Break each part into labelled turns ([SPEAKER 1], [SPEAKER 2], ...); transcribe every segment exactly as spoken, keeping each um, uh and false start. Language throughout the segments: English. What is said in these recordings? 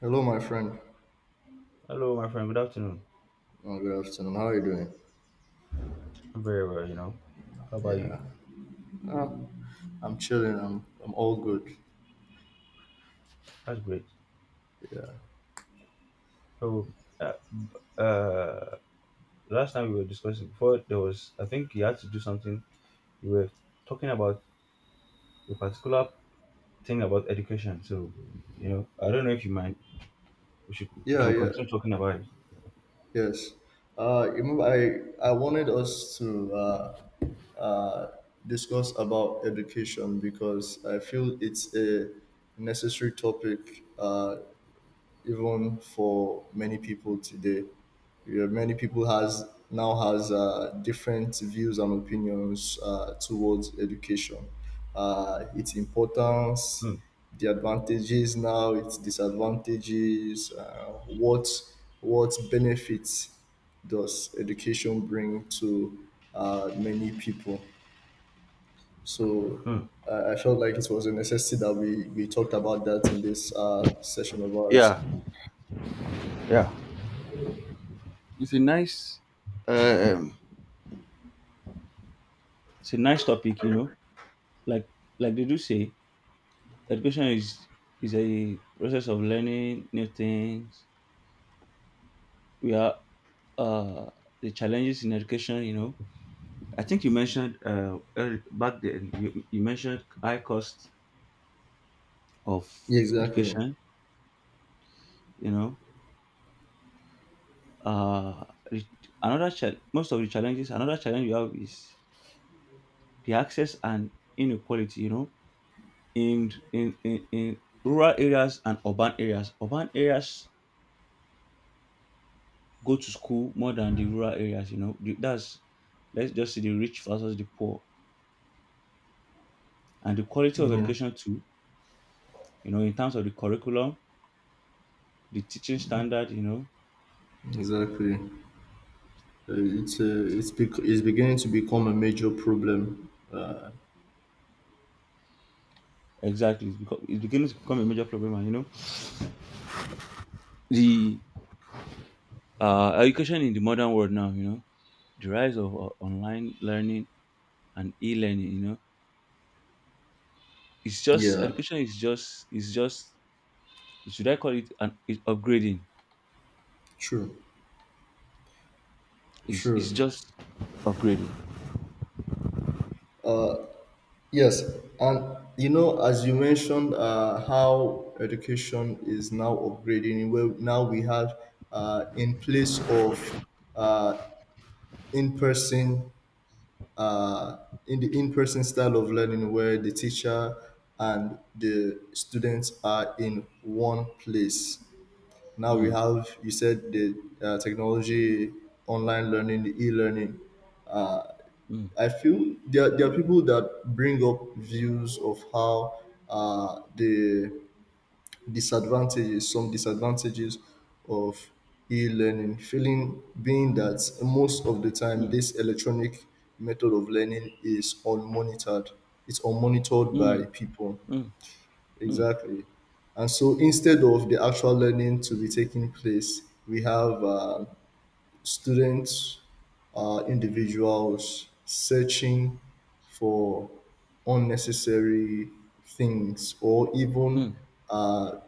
[SPEAKER 1] Hello, my friend.
[SPEAKER 2] Hello, my friend. Good afternoon.
[SPEAKER 1] Oh, good afternoon. How are you doing?
[SPEAKER 2] I'm very well, you know. How about you?
[SPEAKER 1] Yeah, uh, I'm chilling. I'm I'm all good.
[SPEAKER 2] That's great.
[SPEAKER 1] Yeah,
[SPEAKER 2] So, uh, uh, Last time we were discussing before, there was, I think you had to do something. You were talking about a particular thing about education. So, you know, I don't know if you mind. We should, we
[SPEAKER 1] yeah,
[SPEAKER 2] can
[SPEAKER 1] yeah.
[SPEAKER 2] continue talking about it.
[SPEAKER 1] Yes. Uh, you remember I I wanted us to uh, uh, discuss about education because I feel it's a necessary topic uh, even for many people today. Yeah, many people has now has uh, different views and opinions uh, towards education, uh, its importance,
[SPEAKER 2] Hmm.
[SPEAKER 1] the advantages now, its disadvantages, uh, what what benefits does education bring to uh, many people. So
[SPEAKER 2] Hmm.
[SPEAKER 1] uh, I felt like it was a necessity that we, we talked about that in this uh, session of ours.
[SPEAKER 2] Yeah. Yeah. It's a nice, um, it's a nice topic, you know. Like, like they do say, education is is a process of learning new things we are uh, the challenges in education. You know, I think you mentioned uh, earl- back then you, you mentioned high cost of
[SPEAKER 1] Yeah, exactly.
[SPEAKER 2] education. You know, uh, the- another cha- most of the challenges. Another challenge you have is the access and inequality. You know, in in in, in rural areas and urban areas. Urban areas go to school more than the rural areas. You know, The- that's let's just see the rich versus the poor and the quality of
[SPEAKER 1] Yeah,
[SPEAKER 2] education too, you know, in terms of the curriculum, the teaching standard, you know,
[SPEAKER 1] exactly. Uh, it's uh, it's bec- it's beginning to become a major problem. Uh,
[SPEAKER 2] exactly. It's, become, it's beginning to become a major problem. And, you know, the uh, education in the modern world now, you know, the rise of uh, online learning and e-learning, you know, it's just
[SPEAKER 1] yeah,
[SPEAKER 2] education is just it's just should I call it an it's upgrading?
[SPEAKER 1] true,
[SPEAKER 2] Is it's
[SPEAKER 1] true.
[SPEAKER 2] just upgrading.
[SPEAKER 1] Yes, and you know, as you mentioned, uh, how education is now upgrading. Well, now we have uh, in place of uh, in person, uh, in the in person style of learning, where the teacher and the students are in one place. Now we
[SPEAKER 2] Mm,
[SPEAKER 1] have, you said, the uh, technology, online learning, the e-learning.
[SPEAKER 2] mm,
[SPEAKER 1] I feel there, there are people that bring up views of how uh, the disadvantages some disadvantages of e-learning, feeling being that most of the time
[SPEAKER 2] mm,
[SPEAKER 1] this electronic method of learning is unmonitored it's unmonitored by
[SPEAKER 2] mm,
[SPEAKER 1] people.
[SPEAKER 2] mm, mm,
[SPEAKER 1] Exactly. And so, instead of the actual learning to be taking place, we have uh, students are individuals searching for unnecessary things, or even
[SPEAKER 2] mm,
[SPEAKER 1] uh,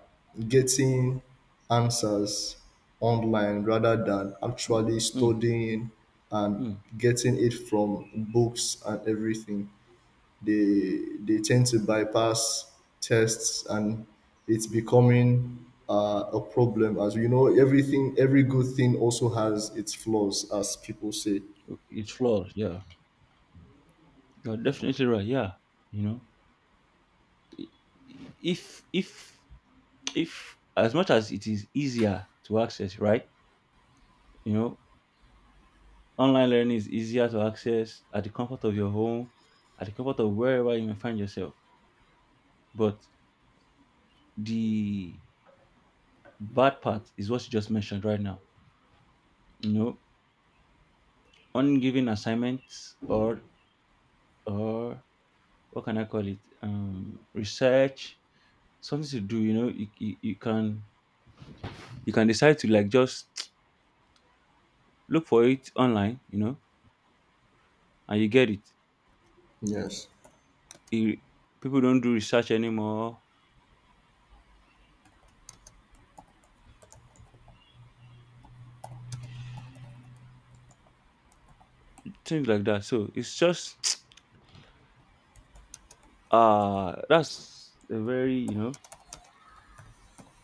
[SPEAKER 1] getting answers online rather than
[SPEAKER 2] mm,
[SPEAKER 1] actually
[SPEAKER 2] mm,
[SPEAKER 1] studying and
[SPEAKER 2] mm.
[SPEAKER 1] getting it from books and everything. They they tend to bypass tests, and it's becoming uh, a problem. As you know, everything, every good thing also has its flaws, as people say.
[SPEAKER 2] It's flawed. Yeah, you're definitely right. Yeah, you know, if if if as much as it is easier to access, right? You know, online learning is easier to access at the comfort of your home, at the comfort of wherever you may find yourself. But the bad part is what you just mentioned right now. You know, ungiven assignments or or what can I call it? Um, research, something to do. You know, you, you, you can you can decide to like just look for it online. You know, and you get it.
[SPEAKER 1] Yes.
[SPEAKER 2] You, People don't do research anymore, things like that. So it's just uh that's a very, you know,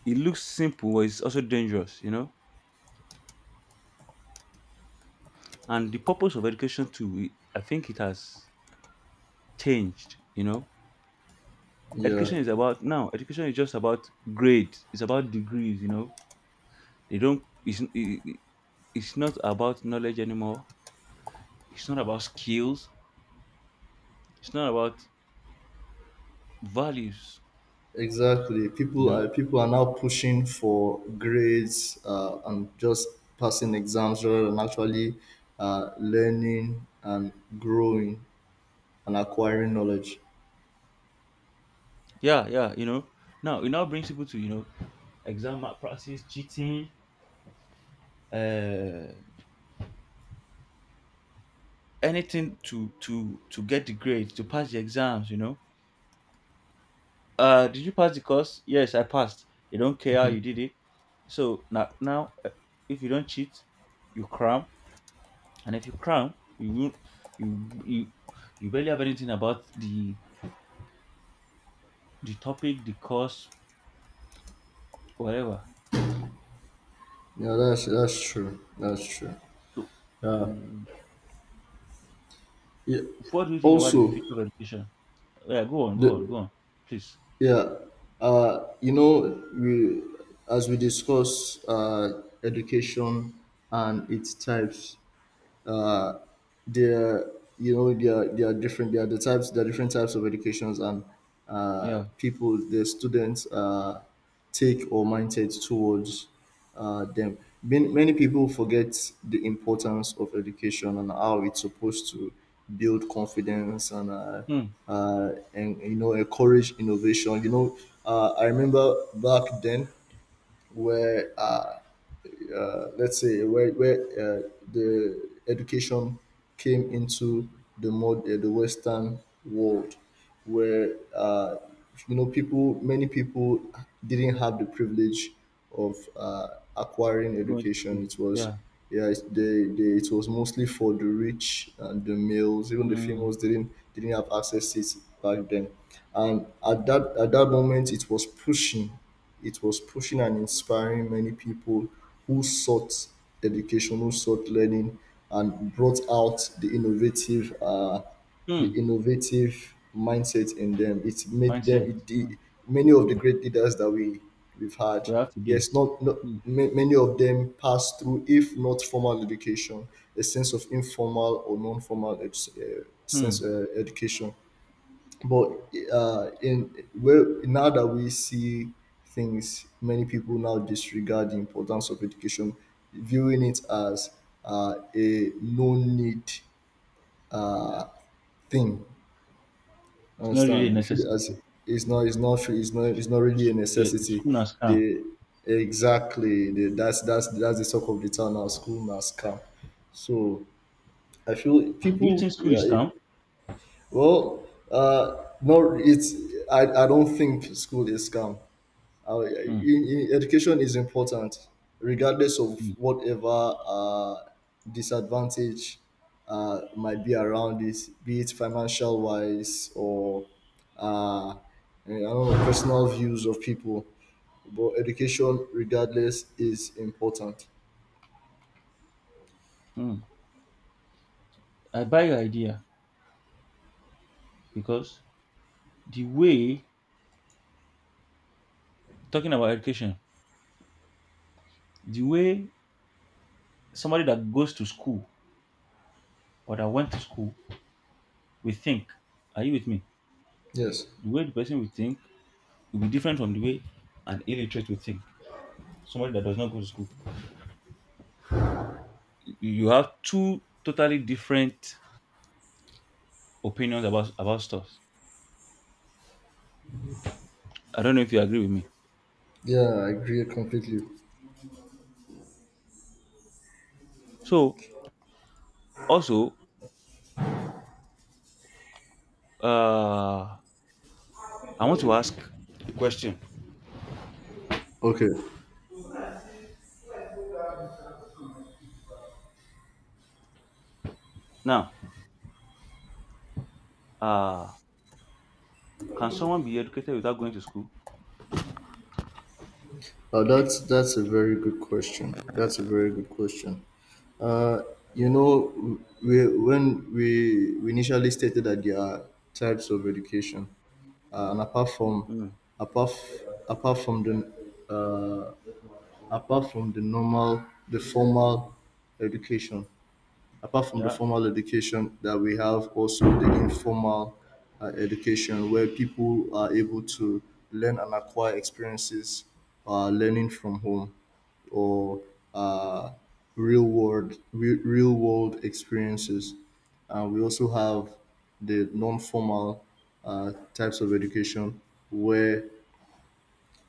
[SPEAKER 2] it looks simple, but it's also dangerous, you know. And the purpose of education too, it- I think it has changed, you know.
[SPEAKER 1] Yeah.
[SPEAKER 2] Education is about now. Education is just about grades. It's about degrees, you know. They don't. It's it, it- It's not about knowledge anymore. It's not about skills. It's not about values,
[SPEAKER 1] Exactly.
[SPEAKER 2] you
[SPEAKER 1] People
[SPEAKER 2] know.
[SPEAKER 1] are people are now pushing for grades, uh, and just passing exams rather than actually uh, learning and growing and acquiring knowledge.
[SPEAKER 2] Yeah, yeah, you know. Now it now brings people to, you know, exam malpractice, cheating, uh, anything to to to get the grades to pass the exams, you know. Uh, did you pass the course? Yes, I passed. They don't care how you did it. So now now uh, if you don't cheat, you cram, and if you cram you will you you you barely have anything about the the topic, the course, whatever.
[SPEAKER 1] Yeah, that's that's true. That's true.
[SPEAKER 2] So w-
[SPEAKER 1] Yeah.
[SPEAKER 2] what do you think about the
[SPEAKER 1] Also,
[SPEAKER 2] future of education? Yeah, go on go on go
[SPEAKER 1] the
[SPEAKER 2] on please.
[SPEAKER 1] yeah, uh, you know, we as we discuss uh, education and its types, uh, there, you know, there are, there are different there are the types there are different types of educations, and uh,
[SPEAKER 2] Yeah.
[SPEAKER 1] people the students uh, take or mindset towards uh, them. Many, many people forget the importance of education and how it's supposed to build confidence and uh,
[SPEAKER 2] Hmm.
[SPEAKER 1] uh, and you know, encourage innovation. You know, uh, I remember back then, where uh, uh, let's say, where where uh, the education came into the mod uh, the Western world, where uh, you know, people many people didn't have the privilege of uh, acquiring
[SPEAKER 2] Going to
[SPEAKER 1] education.
[SPEAKER 2] school,
[SPEAKER 1] It was.
[SPEAKER 2] yeah.
[SPEAKER 1] Yeah, it, they, they, it was mostly for the rich and the males. Even the
[SPEAKER 2] Mm.
[SPEAKER 1] females didn't didn't have access to it back then. And at that at that moment, it was pushing it was pushing and inspiring many people who sought education, who sought learning, and brought out the innovative, uh, the
[SPEAKER 2] Hmm.
[SPEAKER 1] innovative mindset in them. It made them,
[SPEAKER 2] Mindset.
[SPEAKER 1] it, the,
[SPEAKER 2] Hmm.
[SPEAKER 1] many of the great leaders that we we've had.
[SPEAKER 2] We have today.
[SPEAKER 1] Yes, not not
[SPEAKER 2] Hmm.
[SPEAKER 1] ma- many of them passed through, if not formal education, a sense of informal or non-formal edu- uh,
[SPEAKER 2] Hmm.
[SPEAKER 1] sense uh, education. But uh, in well, now that we see things, many people now disregard the importance of education, viewing it as uh, a no need thing.
[SPEAKER 2] It's not really a
[SPEAKER 1] Understand? They feel it
[SPEAKER 2] necessity.
[SPEAKER 1] as it's not, it's not, it's not, it's not really a
[SPEAKER 2] The the
[SPEAKER 1] necessity.
[SPEAKER 2] school has come.
[SPEAKER 1] They Exactly, they, that's that's that's the talk of the town now. School now scam. So I feel
[SPEAKER 2] Do you think
[SPEAKER 1] people.
[SPEAKER 2] school
[SPEAKER 1] Yeah,
[SPEAKER 2] is
[SPEAKER 1] it-
[SPEAKER 2] calm?
[SPEAKER 1] well, uh, no, it's I, I don't think school is scam. Uh,
[SPEAKER 2] Hmm.
[SPEAKER 1] in, in education is important, regardless of
[SPEAKER 2] Hmm.
[SPEAKER 1] whatever uh, disadvantage uh, might be around it, be it financial wise or uh, I don't know, personal views of people. But education, regardless, is important.
[SPEAKER 2] Hmm. I buy your idea because the way talking about education, the way somebody that goes to school or that went to school, we think. Are you with me?
[SPEAKER 1] Yes.
[SPEAKER 2] The way the person will think will be different from the way an illiterate will think. Somebody that does not go to school. You you have two totally different opinions about about stuff. I don't know if you agree with me.
[SPEAKER 1] Yeah, I agree completely.
[SPEAKER 2] So also, Uh, I want to ask a question
[SPEAKER 1] Okay.
[SPEAKER 2] now. Uh, can someone be educated without going to school?
[SPEAKER 1] Uh, that's that's a very good question. That's a very good question. You know, we, when we, we initially stated that there are types of education, uh, and apart from
[SPEAKER 2] Mm,
[SPEAKER 1] apart f- apart from the uh, apart from the normal the formal education, apart from the
[SPEAKER 2] yeah.
[SPEAKER 1] formal education, that we have also the informal uh, education, where people are able to learn and acquire experiences, uh, learning from home, or uh, real world re- real world experiences. And we also have the non-formal uh, types of education, where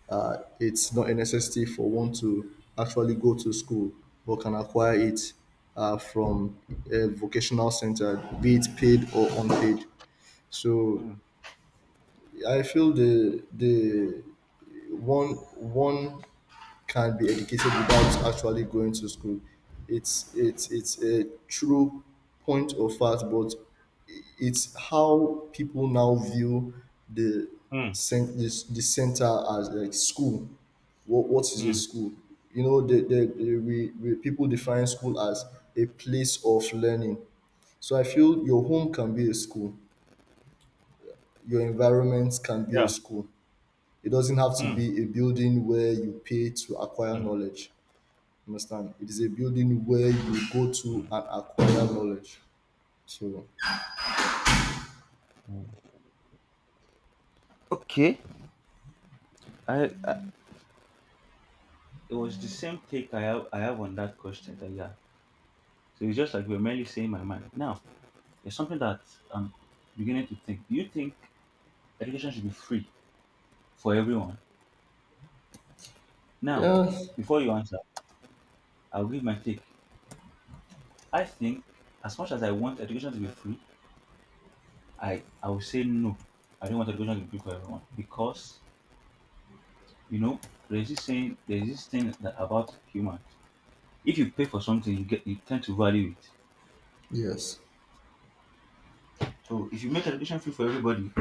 [SPEAKER 1] uh, it's not a necessity for one to actually go to school, but can acquire it uh, from a vocational center, be it paid or unpaid. So
[SPEAKER 2] Mm,
[SPEAKER 1] I feel the the one one can be educated without actually going to school. It's it's it's a true point of fact, but it's how people now view the
[SPEAKER 2] mm,
[SPEAKER 1] cent- the, the center, as like, school, what what is a
[SPEAKER 2] mm,
[SPEAKER 1] school. You know, the, the, the we, we people define school as a place of learning. So I feel your home can be a school, your environment can be a
[SPEAKER 2] yeah.
[SPEAKER 1] school. It doesn't have to
[SPEAKER 2] Mm,
[SPEAKER 1] be a building where you pay to acquire
[SPEAKER 2] mm,
[SPEAKER 1] knowledge. Understand, it is a building where you go to
[SPEAKER 2] mm.
[SPEAKER 1] and acquire knowledge. So
[SPEAKER 2] Okay. I, I it was the same take I have I have on that question, that yeah. So it's just like we're merely saying my mind. Now it's something that I'm beginning to think. Do you think education should be free for everyone? Now,
[SPEAKER 1] yeah.
[SPEAKER 2] before you answer, I'll give my take. I think as much as I want education to be free, I I will say no. I don't want education to be for everyone because, you know, there's this saying there's this thing that about humans. If you pay for something, you get you tend to value it.
[SPEAKER 1] Yes.
[SPEAKER 2] So if you make education free for everybody,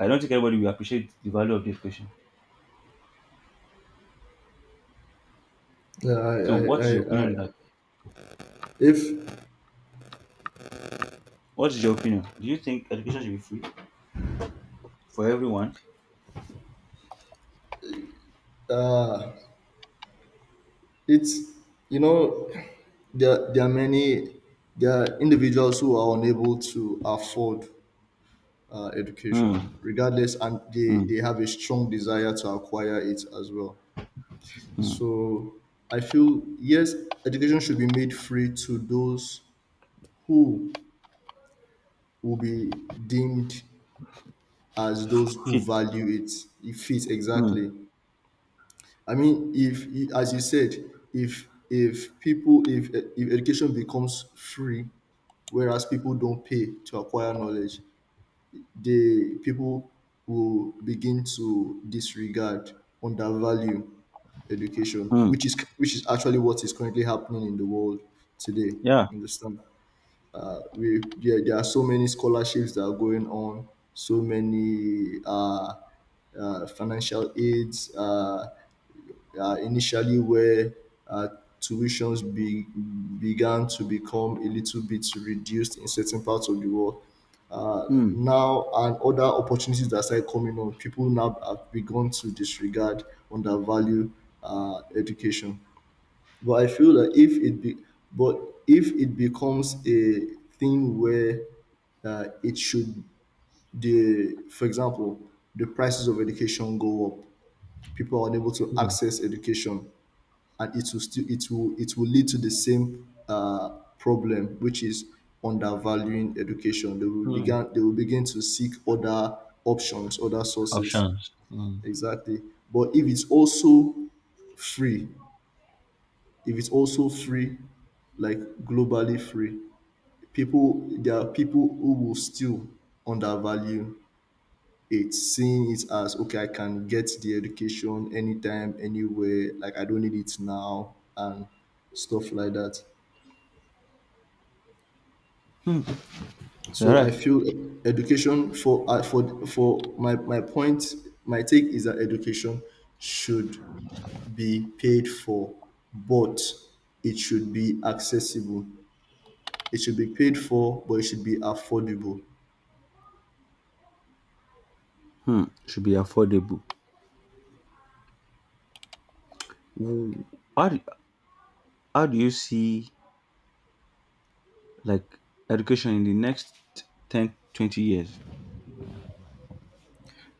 [SPEAKER 2] I don't think everybody will appreciate the value of the education.
[SPEAKER 1] Yeah, I,
[SPEAKER 2] So
[SPEAKER 1] I,
[SPEAKER 2] what's your
[SPEAKER 1] I, I,
[SPEAKER 2] opinion on that?
[SPEAKER 1] if
[SPEAKER 2] What is your opinion? Do you think education should be free for everyone?
[SPEAKER 1] it's you know, there there are many, there are individuals who are unable to afford uh,
[SPEAKER 2] Hmm.
[SPEAKER 1] education regardless, and they,
[SPEAKER 2] Hmm.
[SPEAKER 1] they have a strong desire to acquire it as well.
[SPEAKER 2] Hmm.
[SPEAKER 1] So I feel, yes, education should be made free to those who will be deemed as those who
[SPEAKER 2] Fit.
[SPEAKER 1] value it. If it
[SPEAKER 2] Hmm.
[SPEAKER 1] Exactly. I mean, if as you said, if if people if if education becomes free, whereas people don't pay to acquire knowledge, the people will begin to disregard, undervalue education,
[SPEAKER 2] Hmm.
[SPEAKER 1] which is which is actually what is currently happening in the world today.
[SPEAKER 2] Yeah.
[SPEAKER 1] Understand? Uh, we yeah, there are so many scholarships that are going on, so many uh, uh, financial aids. Uh, uh, initially, where uh, tuitions be, began to become a little bit reduced in certain parts of the world. Uh,
[SPEAKER 2] Hmm.
[SPEAKER 1] now, and other opportunities that started coming on, people now have begun to disregard, undervalue uh, education. But I feel that if it be, but if it becomes a thing where uh, it should the for example, the prices of education go up, people are unable to
[SPEAKER 2] Hmm.
[SPEAKER 1] access education, and it will still it will it will lead to the same uh, problem, which is undervaluing education. They will
[SPEAKER 2] Hmm.
[SPEAKER 1] begin they will begin to seek other options, other sources.
[SPEAKER 2] Options. Hmm.
[SPEAKER 1] Exactly. But if it's also free, if it's also free, like globally free, people there are people who will still undervalue it, seeing it as, okay, I can get the education anytime, anywhere, like I don't need it now, and stuff like that.
[SPEAKER 2] Hmm. You're
[SPEAKER 1] So I
[SPEAKER 2] right.
[SPEAKER 1] feel education for uh, for for my my point, my take is that education should be paid for, but it should be accessible. It should be paid for, but it should be affordable.
[SPEAKER 2] Hmm. Should be affordable. Wh- How, do, How do you see like education in the next ten, twenty years?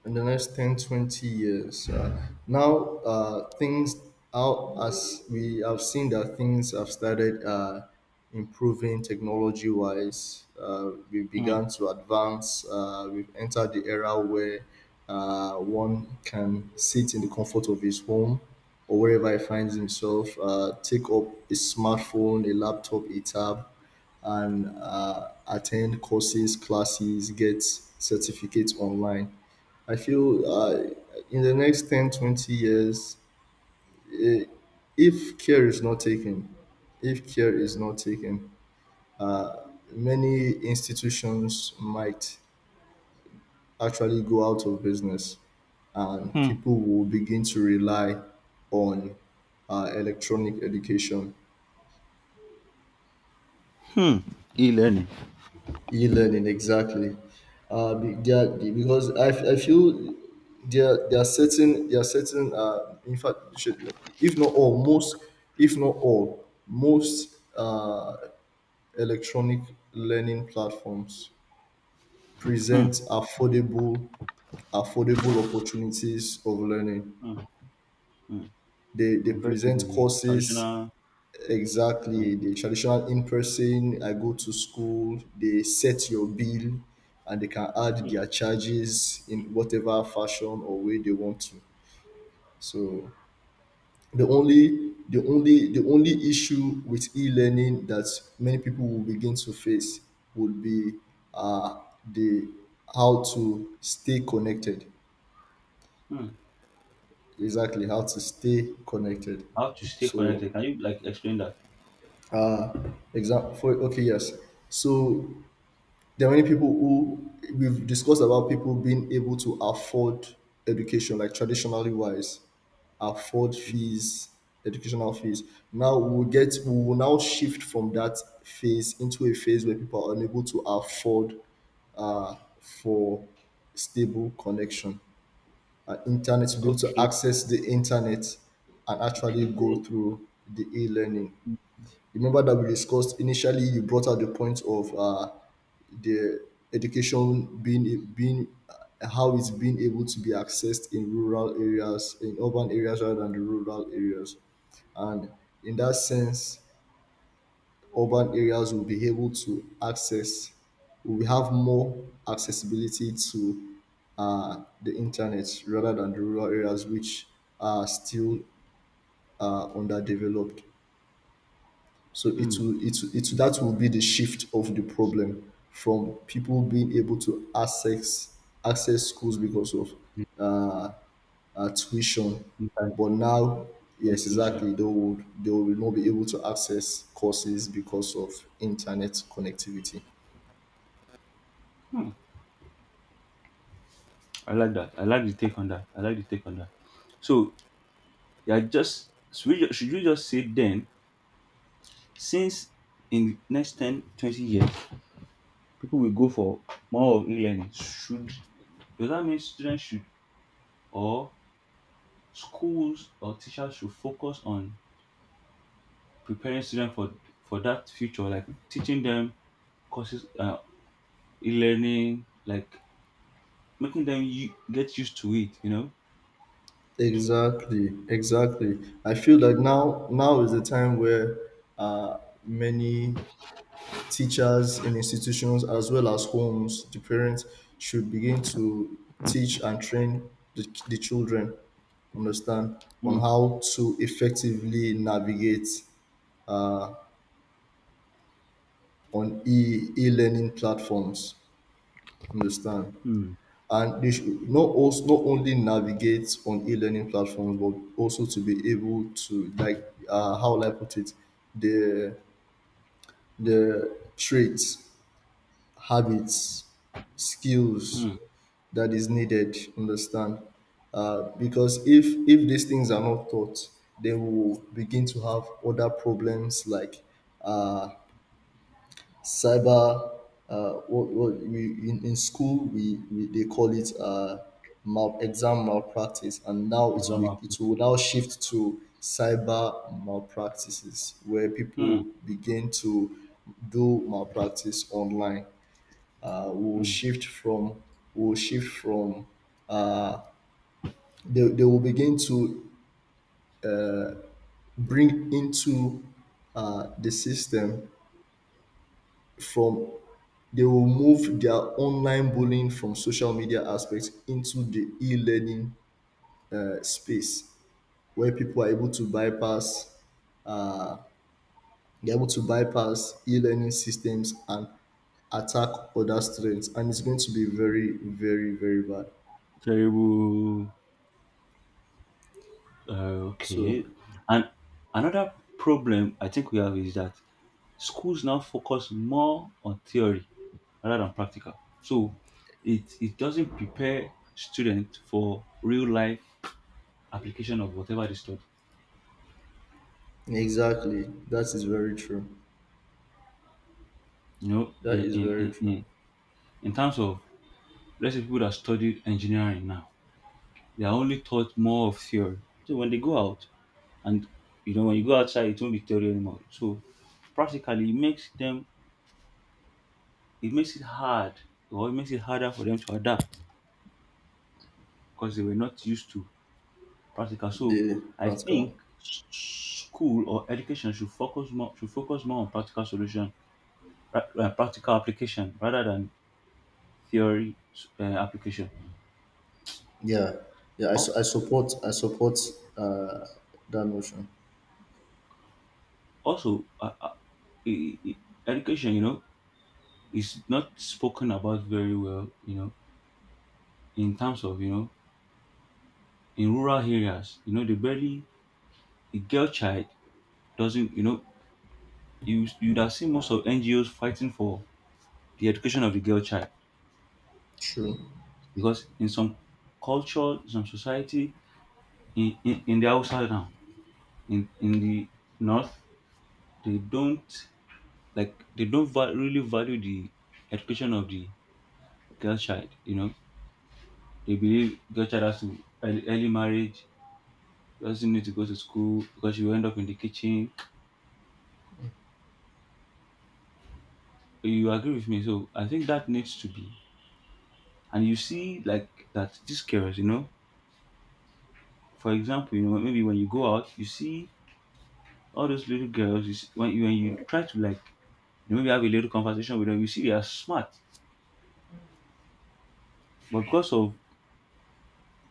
[SPEAKER 1] In the next ten, twenty years, uh, now, uh, things out, as we have seen that things have started uh, improving technology wise uh, we
[SPEAKER 2] Mm.
[SPEAKER 1] began to advance. Uh, we've entered the era where uh, one can sit in the comfort of his home or wherever he finds himself, uh, take up a smartphone, a laptop, a tab, and uh, attend courses, classes, get certificates online. I feel, uh, in the next ten, twenty years, eh, if care is not taken, if care is not taken, many institutions might actually go out of business, and
[SPEAKER 2] Hmm.
[SPEAKER 1] people will begin to rely on uh, electronic education.
[SPEAKER 2] Hmm. E-learning.
[SPEAKER 1] E-learning, exactly. uh, be- there are, because I, f- I feel there there are certain, there are certain uh, in fact you should, if not all most if not all, most uh, electronic learning platforms
[SPEAKER 2] Hmm.
[SPEAKER 1] present affordable affordable opportunities of learning.
[SPEAKER 2] Hmm. Hmm.
[SPEAKER 1] They they
[SPEAKER 2] Compared to
[SPEAKER 1] present
[SPEAKER 2] the
[SPEAKER 1] courses.
[SPEAKER 2] traditional. Hmm.
[SPEAKER 1] Exactly. The traditional, in person, I go to school, they set your bill, and they can add
[SPEAKER 2] Hmm.
[SPEAKER 1] their charges in whatever fashion or way they want to. So the only the only the only issue with e-learning that many people will begin to face would be uh the how to stay connected.
[SPEAKER 2] Hmm.
[SPEAKER 1] Exactly, how to stay connected.
[SPEAKER 2] How to stay
[SPEAKER 1] So,
[SPEAKER 2] connected? Can you like explain that?
[SPEAKER 1] uh, example, okay, yes. So, there are many people who we've discussed about, people being able to afford education, like traditionally wise, afford
[SPEAKER 2] Mhm.
[SPEAKER 1] fees, educational fees. Now we'll get we will now shift from that phase into a phase where people are unable to afford uh, for stable connection and internet, to be able to
[SPEAKER 2] Okay.
[SPEAKER 1] access the internet and actually go
[SPEAKER 2] Okay.
[SPEAKER 1] through the e-learning.
[SPEAKER 2] Hmm.
[SPEAKER 1] Remember that we discussed initially, you brought out the point of uh, the education being being uh, how it's being able to be accessed in rural areas, in urban areas rather than the rural areas. And in that sense, urban areas will be able to access, we have more accessibility to uh, the internet rather than the rural areas, which are still uh, underdeveloped. So it
[SPEAKER 2] Hmm.
[SPEAKER 1] will, it will, it will- that will be the shift of the problem from people being able to access access schools because of
[SPEAKER 2] The
[SPEAKER 1] uh, uh, tuition,
[SPEAKER 2] Internet
[SPEAKER 1] but now
[SPEAKER 2] or
[SPEAKER 1] yes,
[SPEAKER 2] solution.
[SPEAKER 1] exactly they will they will not be able to access courses because of internet connectivity.
[SPEAKER 2] Hmm. I like that. I like the take on that. I like the take on that. So yeah, just should we, ju- should you just say then, since in the next ten twenty years, people will go for more of e-learning. Should, does that mean students should or schools or teachers should focus on preparing students for for that future, like teaching them courses, uh, e-learning, like making them u- get used to it. You know.
[SPEAKER 1] Exactly, exactly. I feel like now now is the time where uh, many teachers in institutions as well as homes, the parents should begin to teach and train the, the children, understand, on
[SPEAKER 2] Hmm.
[SPEAKER 1] how to effectively navigate uh, on e e-learning platforms, understand.
[SPEAKER 2] Hmm.
[SPEAKER 1] And they should not also not only navigate on e-learning platforms, but also to be able to, like, uh, how will I put it, the the traits, habits, skills
[SPEAKER 2] Hmm.
[SPEAKER 1] that is needed. Understand? Uh, because if if these things are not taught, then we will begin to have other problems like uh, cyber. Uh, what, what we in, in school we, we they call it uh, mal, exam malpractice, and now it
[SPEAKER 2] As
[SPEAKER 1] will
[SPEAKER 2] I'm
[SPEAKER 1] be it
[SPEAKER 2] put.
[SPEAKER 1] will now shift to cyber malpractices where
[SPEAKER 2] Hmm.
[SPEAKER 1] people begin to do malpractice online, uh, will
[SPEAKER 2] Hmm.
[SPEAKER 1] shift from will shift from uh, they, they will begin to bring into uh, the system from they will move their online bullying from social media aspects into the e-learning uh, space where people are able to bypass uh, they're able to bypass e-learning systems and attack other students, and it's going to be very, very, very bad.
[SPEAKER 2] Terrible. Uh,
[SPEAKER 1] So
[SPEAKER 2] okay. And another problem I think we have is that schools now focus more on theory rather than practical. So it it doesn't prepare students for real life application of whatever they study.
[SPEAKER 1] exactly. That is very true.
[SPEAKER 2] You know, in
[SPEAKER 1] That is
[SPEAKER 2] in,
[SPEAKER 1] very
[SPEAKER 2] in,
[SPEAKER 1] true.
[SPEAKER 2] in, in terms of let's say people that study engineering now, they are only taught more of theory. So when they go out and, you know, when you go outside it won't be theory anymore. So practically it makes them it makes it hard, or it makes it harder for them to adapt because they were not used to practical. So
[SPEAKER 1] The
[SPEAKER 2] I
[SPEAKER 1] practical.
[SPEAKER 2] think s- school or education should focus more, should focus more on practical solution, pra- uh, practical application rather than theory s- uh, application.
[SPEAKER 1] Yeah. Yeah. I,
[SPEAKER 2] Al-
[SPEAKER 1] su- I support. I support uh, that notion.
[SPEAKER 2] Also, uh, uh, e- e- education, you know, is not spoken about very well. You know, in terms of, you know, in rural areas, you know, the barely the girl child doesn't. You know, you you'd have seen most of N G Os fighting for the education of the girl child
[SPEAKER 1] True.
[SPEAKER 2] because in some culture, some society, in, in, in the outside now, in, in the north, they don't, like, they don't va- really value the education of the girl child. You know, they believe girl child has to early, early marriage, doesn't need to go to school because you end up in the kitchen. You agree with me? So I think that needs to be. And you see like that these girls, you know, for example, you know maybe when you go out, you see all those little girls. You see, when you when you try to like, you know, maybe have a little conversation with them, you see they are smart. But because of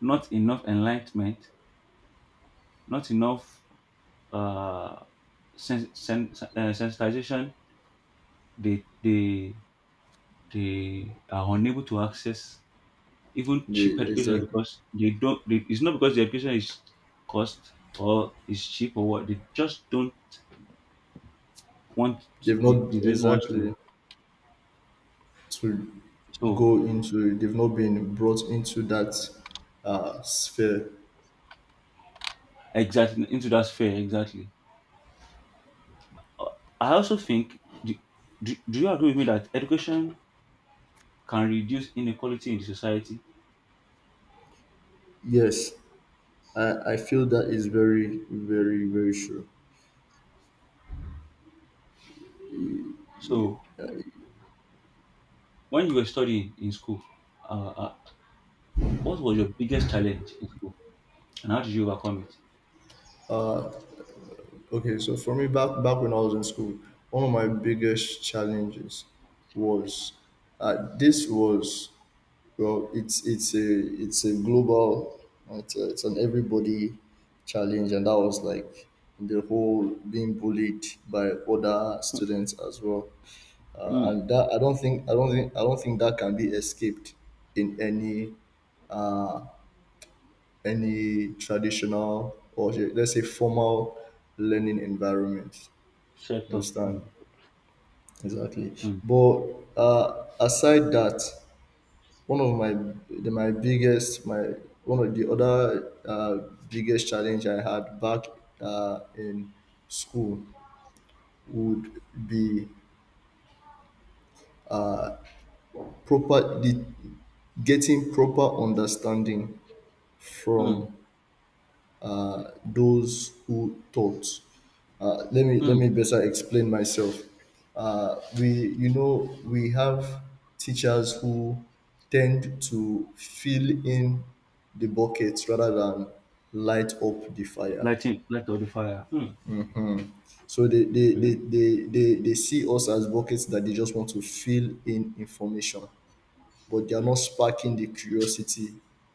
[SPEAKER 2] not enough enlightenment, not enough uh, sen- sen- uh, sensitization. They they they are unable to access even cheap
[SPEAKER 1] The
[SPEAKER 2] education
[SPEAKER 1] exact.
[SPEAKER 2] because they don't. They, it's not because the education is cost or is cheap or what. They just don't want.
[SPEAKER 1] They've
[SPEAKER 2] They
[SPEAKER 1] not
[SPEAKER 2] the little ones to.
[SPEAKER 1] exactly to
[SPEAKER 2] So
[SPEAKER 1] go into. They've not been brought into that uh, sphere.
[SPEAKER 2] exactly into that sphere, exactly. I also think. Do, do, do you agree with me that education can reduce inequality in the society?
[SPEAKER 1] Yes. I, I feel that is very, very, very true.
[SPEAKER 2] So when you were studying in school, uh, uh, what was your biggest challenge in school, and how did you overcome it?
[SPEAKER 1] Okay, so for me, back back when I was in school, one of my biggest challenges was uh, this was, well, it's it's a it's a global, it's, a, it's an everybody challenge, and that was like the whole being bullied by other students as well, uh,
[SPEAKER 2] Hmm.
[SPEAKER 1] and that I don't think I don't think I don't think that can be escaped in any uh, any traditional or, let's say, formal learning environment.
[SPEAKER 2] Shut
[SPEAKER 1] You
[SPEAKER 2] up.
[SPEAKER 1] understand?
[SPEAKER 2] Mm,
[SPEAKER 1] Exactly.
[SPEAKER 2] mm,
[SPEAKER 1] But uh, aside that, one of my the, my biggest my one of the other uh, biggest challenge I had back uh, in school would be proper the, getting proper understanding
[SPEAKER 2] mm,
[SPEAKER 1] from uh, those who taught. Uh, let me let me
[SPEAKER 2] mm.
[SPEAKER 1] better explain myself. Uh, we You know, we have teachers who tend to fill in the buckets rather than light up the fire.
[SPEAKER 2] Lighting, light of the fire. Mm.
[SPEAKER 1] So they they,
[SPEAKER 2] Okay.
[SPEAKER 1] they, they, they they see us as buckets that they just want to fill in information, but they are not sparking the curiosity,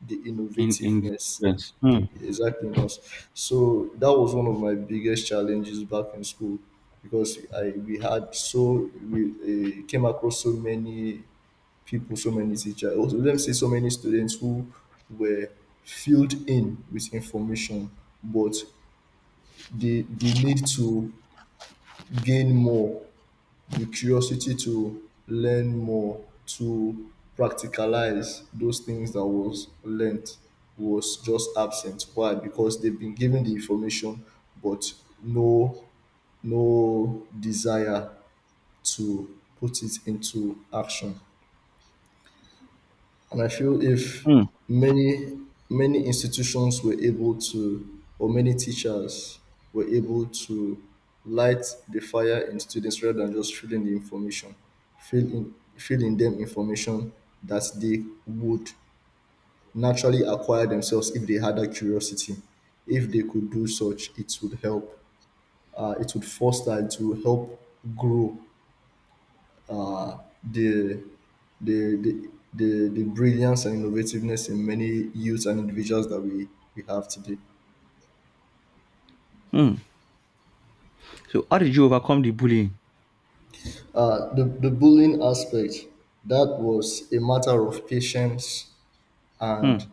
[SPEAKER 1] the
[SPEAKER 2] In in the
[SPEAKER 1] innovativeness,
[SPEAKER 2] students.
[SPEAKER 1] the
[SPEAKER 2] Mm,
[SPEAKER 1] exactly in us. So that was one of my biggest challenges back in school, because I we had, so we uh, came across so many people, so many teachers, also, let me say so many students who were filled in with information, but they they need to gain more, the curiosity to learn more, to practicalize those things that was learnt, was just absent. Why? Because they've been given the information, but no, no desire to put it into action. And I feel if
[SPEAKER 2] mm,
[SPEAKER 1] many many institutions were able to, or many teachers were able to light the fire in students rather than just filling the information, fill in, them information that they would naturally acquire themselves if they had that curiosity. If they could do such, it would help. Uh, it would foster. It would help grow uh, the the the the, the brilliance and innovativeness in many youths and individuals that we, we have today.
[SPEAKER 2] mm. So how did you overcome the bullying?
[SPEAKER 1] Uh, the, the bullying aspect, that was a matter of patience and
[SPEAKER 2] Mm.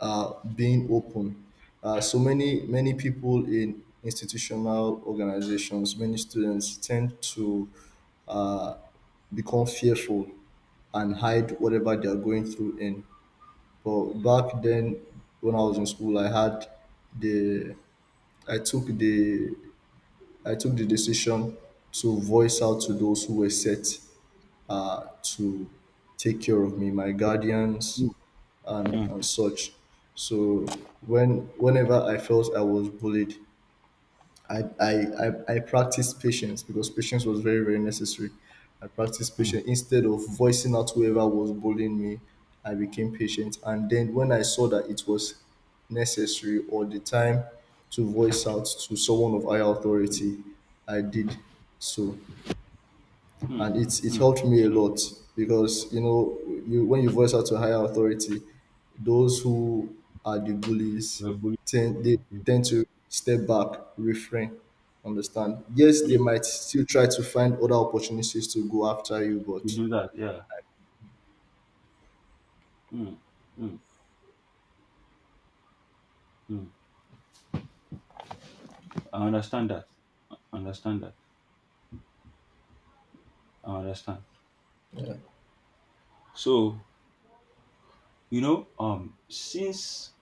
[SPEAKER 1] uh, being open. Uh, so many, many people in institutional organizations, many students tend to uh, become fearful and hide whatever they are going through in. But back then, when I was in school, I had the I took the I took the decision to voice out to those who were set uh, to take care of me, my guardians
[SPEAKER 2] Mm,
[SPEAKER 1] and,
[SPEAKER 2] mm,
[SPEAKER 1] and such. So when whenever I felt I was bullied, I, I, I, I practiced patience because patience was very, very necessary. I practiced
[SPEAKER 2] mm,
[SPEAKER 1] patience. Instead of voicing out whoever was bullying me, I became patient. And then when I saw that it was necessary, or the time to voice out to someone of higher authority, I did so, and it it
[SPEAKER 2] mm.
[SPEAKER 1] helped me a lot, because you know, you, when you voice out to higher authority, those who are the bullies
[SPEAKER 2] We're bullied.
[SPEAKER 1] tend, they
[SPEAKER 2] Mm,
[SPEAKER 1] tend to step back, refrain, understand. Yes, they
[SPEAKER 2] mm.
[SPEAKER 1] might still try to find other opportunities to go after you,
[SPEAKER 2] To
[SPEAKER 1] but
[SPEAKER 2] do that, yeah. Mm, mm, mm. I understand that. I understand that. I understand. So you know, um, since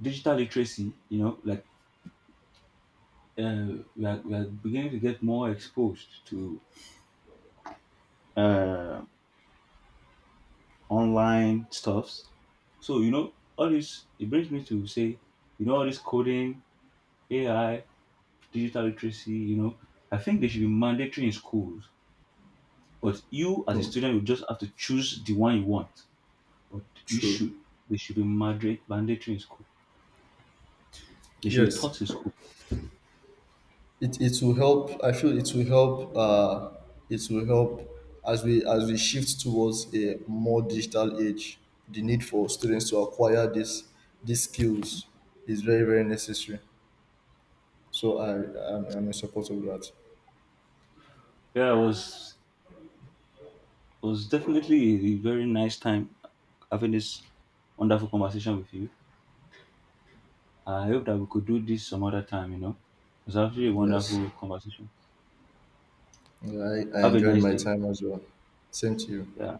[SPEAKER 2] digital literacy, you know, like uh, we, are, we are beginning to get more exposed to uh, online stuffs. So, you know, all this, it brings me to say, you know, all this coding, A I, digital literacy, you know, I think they should be mandatory in schools. But you, as a student, you just have to choose the one you want. But you should.
[SPEAKER 1] true.
[SPEAKER 2] They should be mandate- mandatory in school. They should be
[SPEAKER 1] Yes.
[SPEAKER 2] taught in school.
[SPEAKER 1] it it will help, I feel it will help, uh it will help as we as we shift towards a more digital age, the need for students to acquire this these skills is very, very necessary. So i i'm, I'm in support of that.
[SPEAKER 2] Yeah, I was. It was definitely a very nice time having this wonderful conversation with you. I hope that we could do this some other time, you know. It was actually a
[SPEAKER 1] Yes.
[SPEAKER 2] wonderful conversation.
[SPEAKER 1] Yeah, I, I
[SPEAKER 2] Have a
[SPEAKER 1] enjoyed
[SPEAKER 2] nice
[SPEAKER 1] my
[SPEAKER 2] day.
[SPEAKER 1] time as well. Same to you.
[SPEAKER 2] Yeah.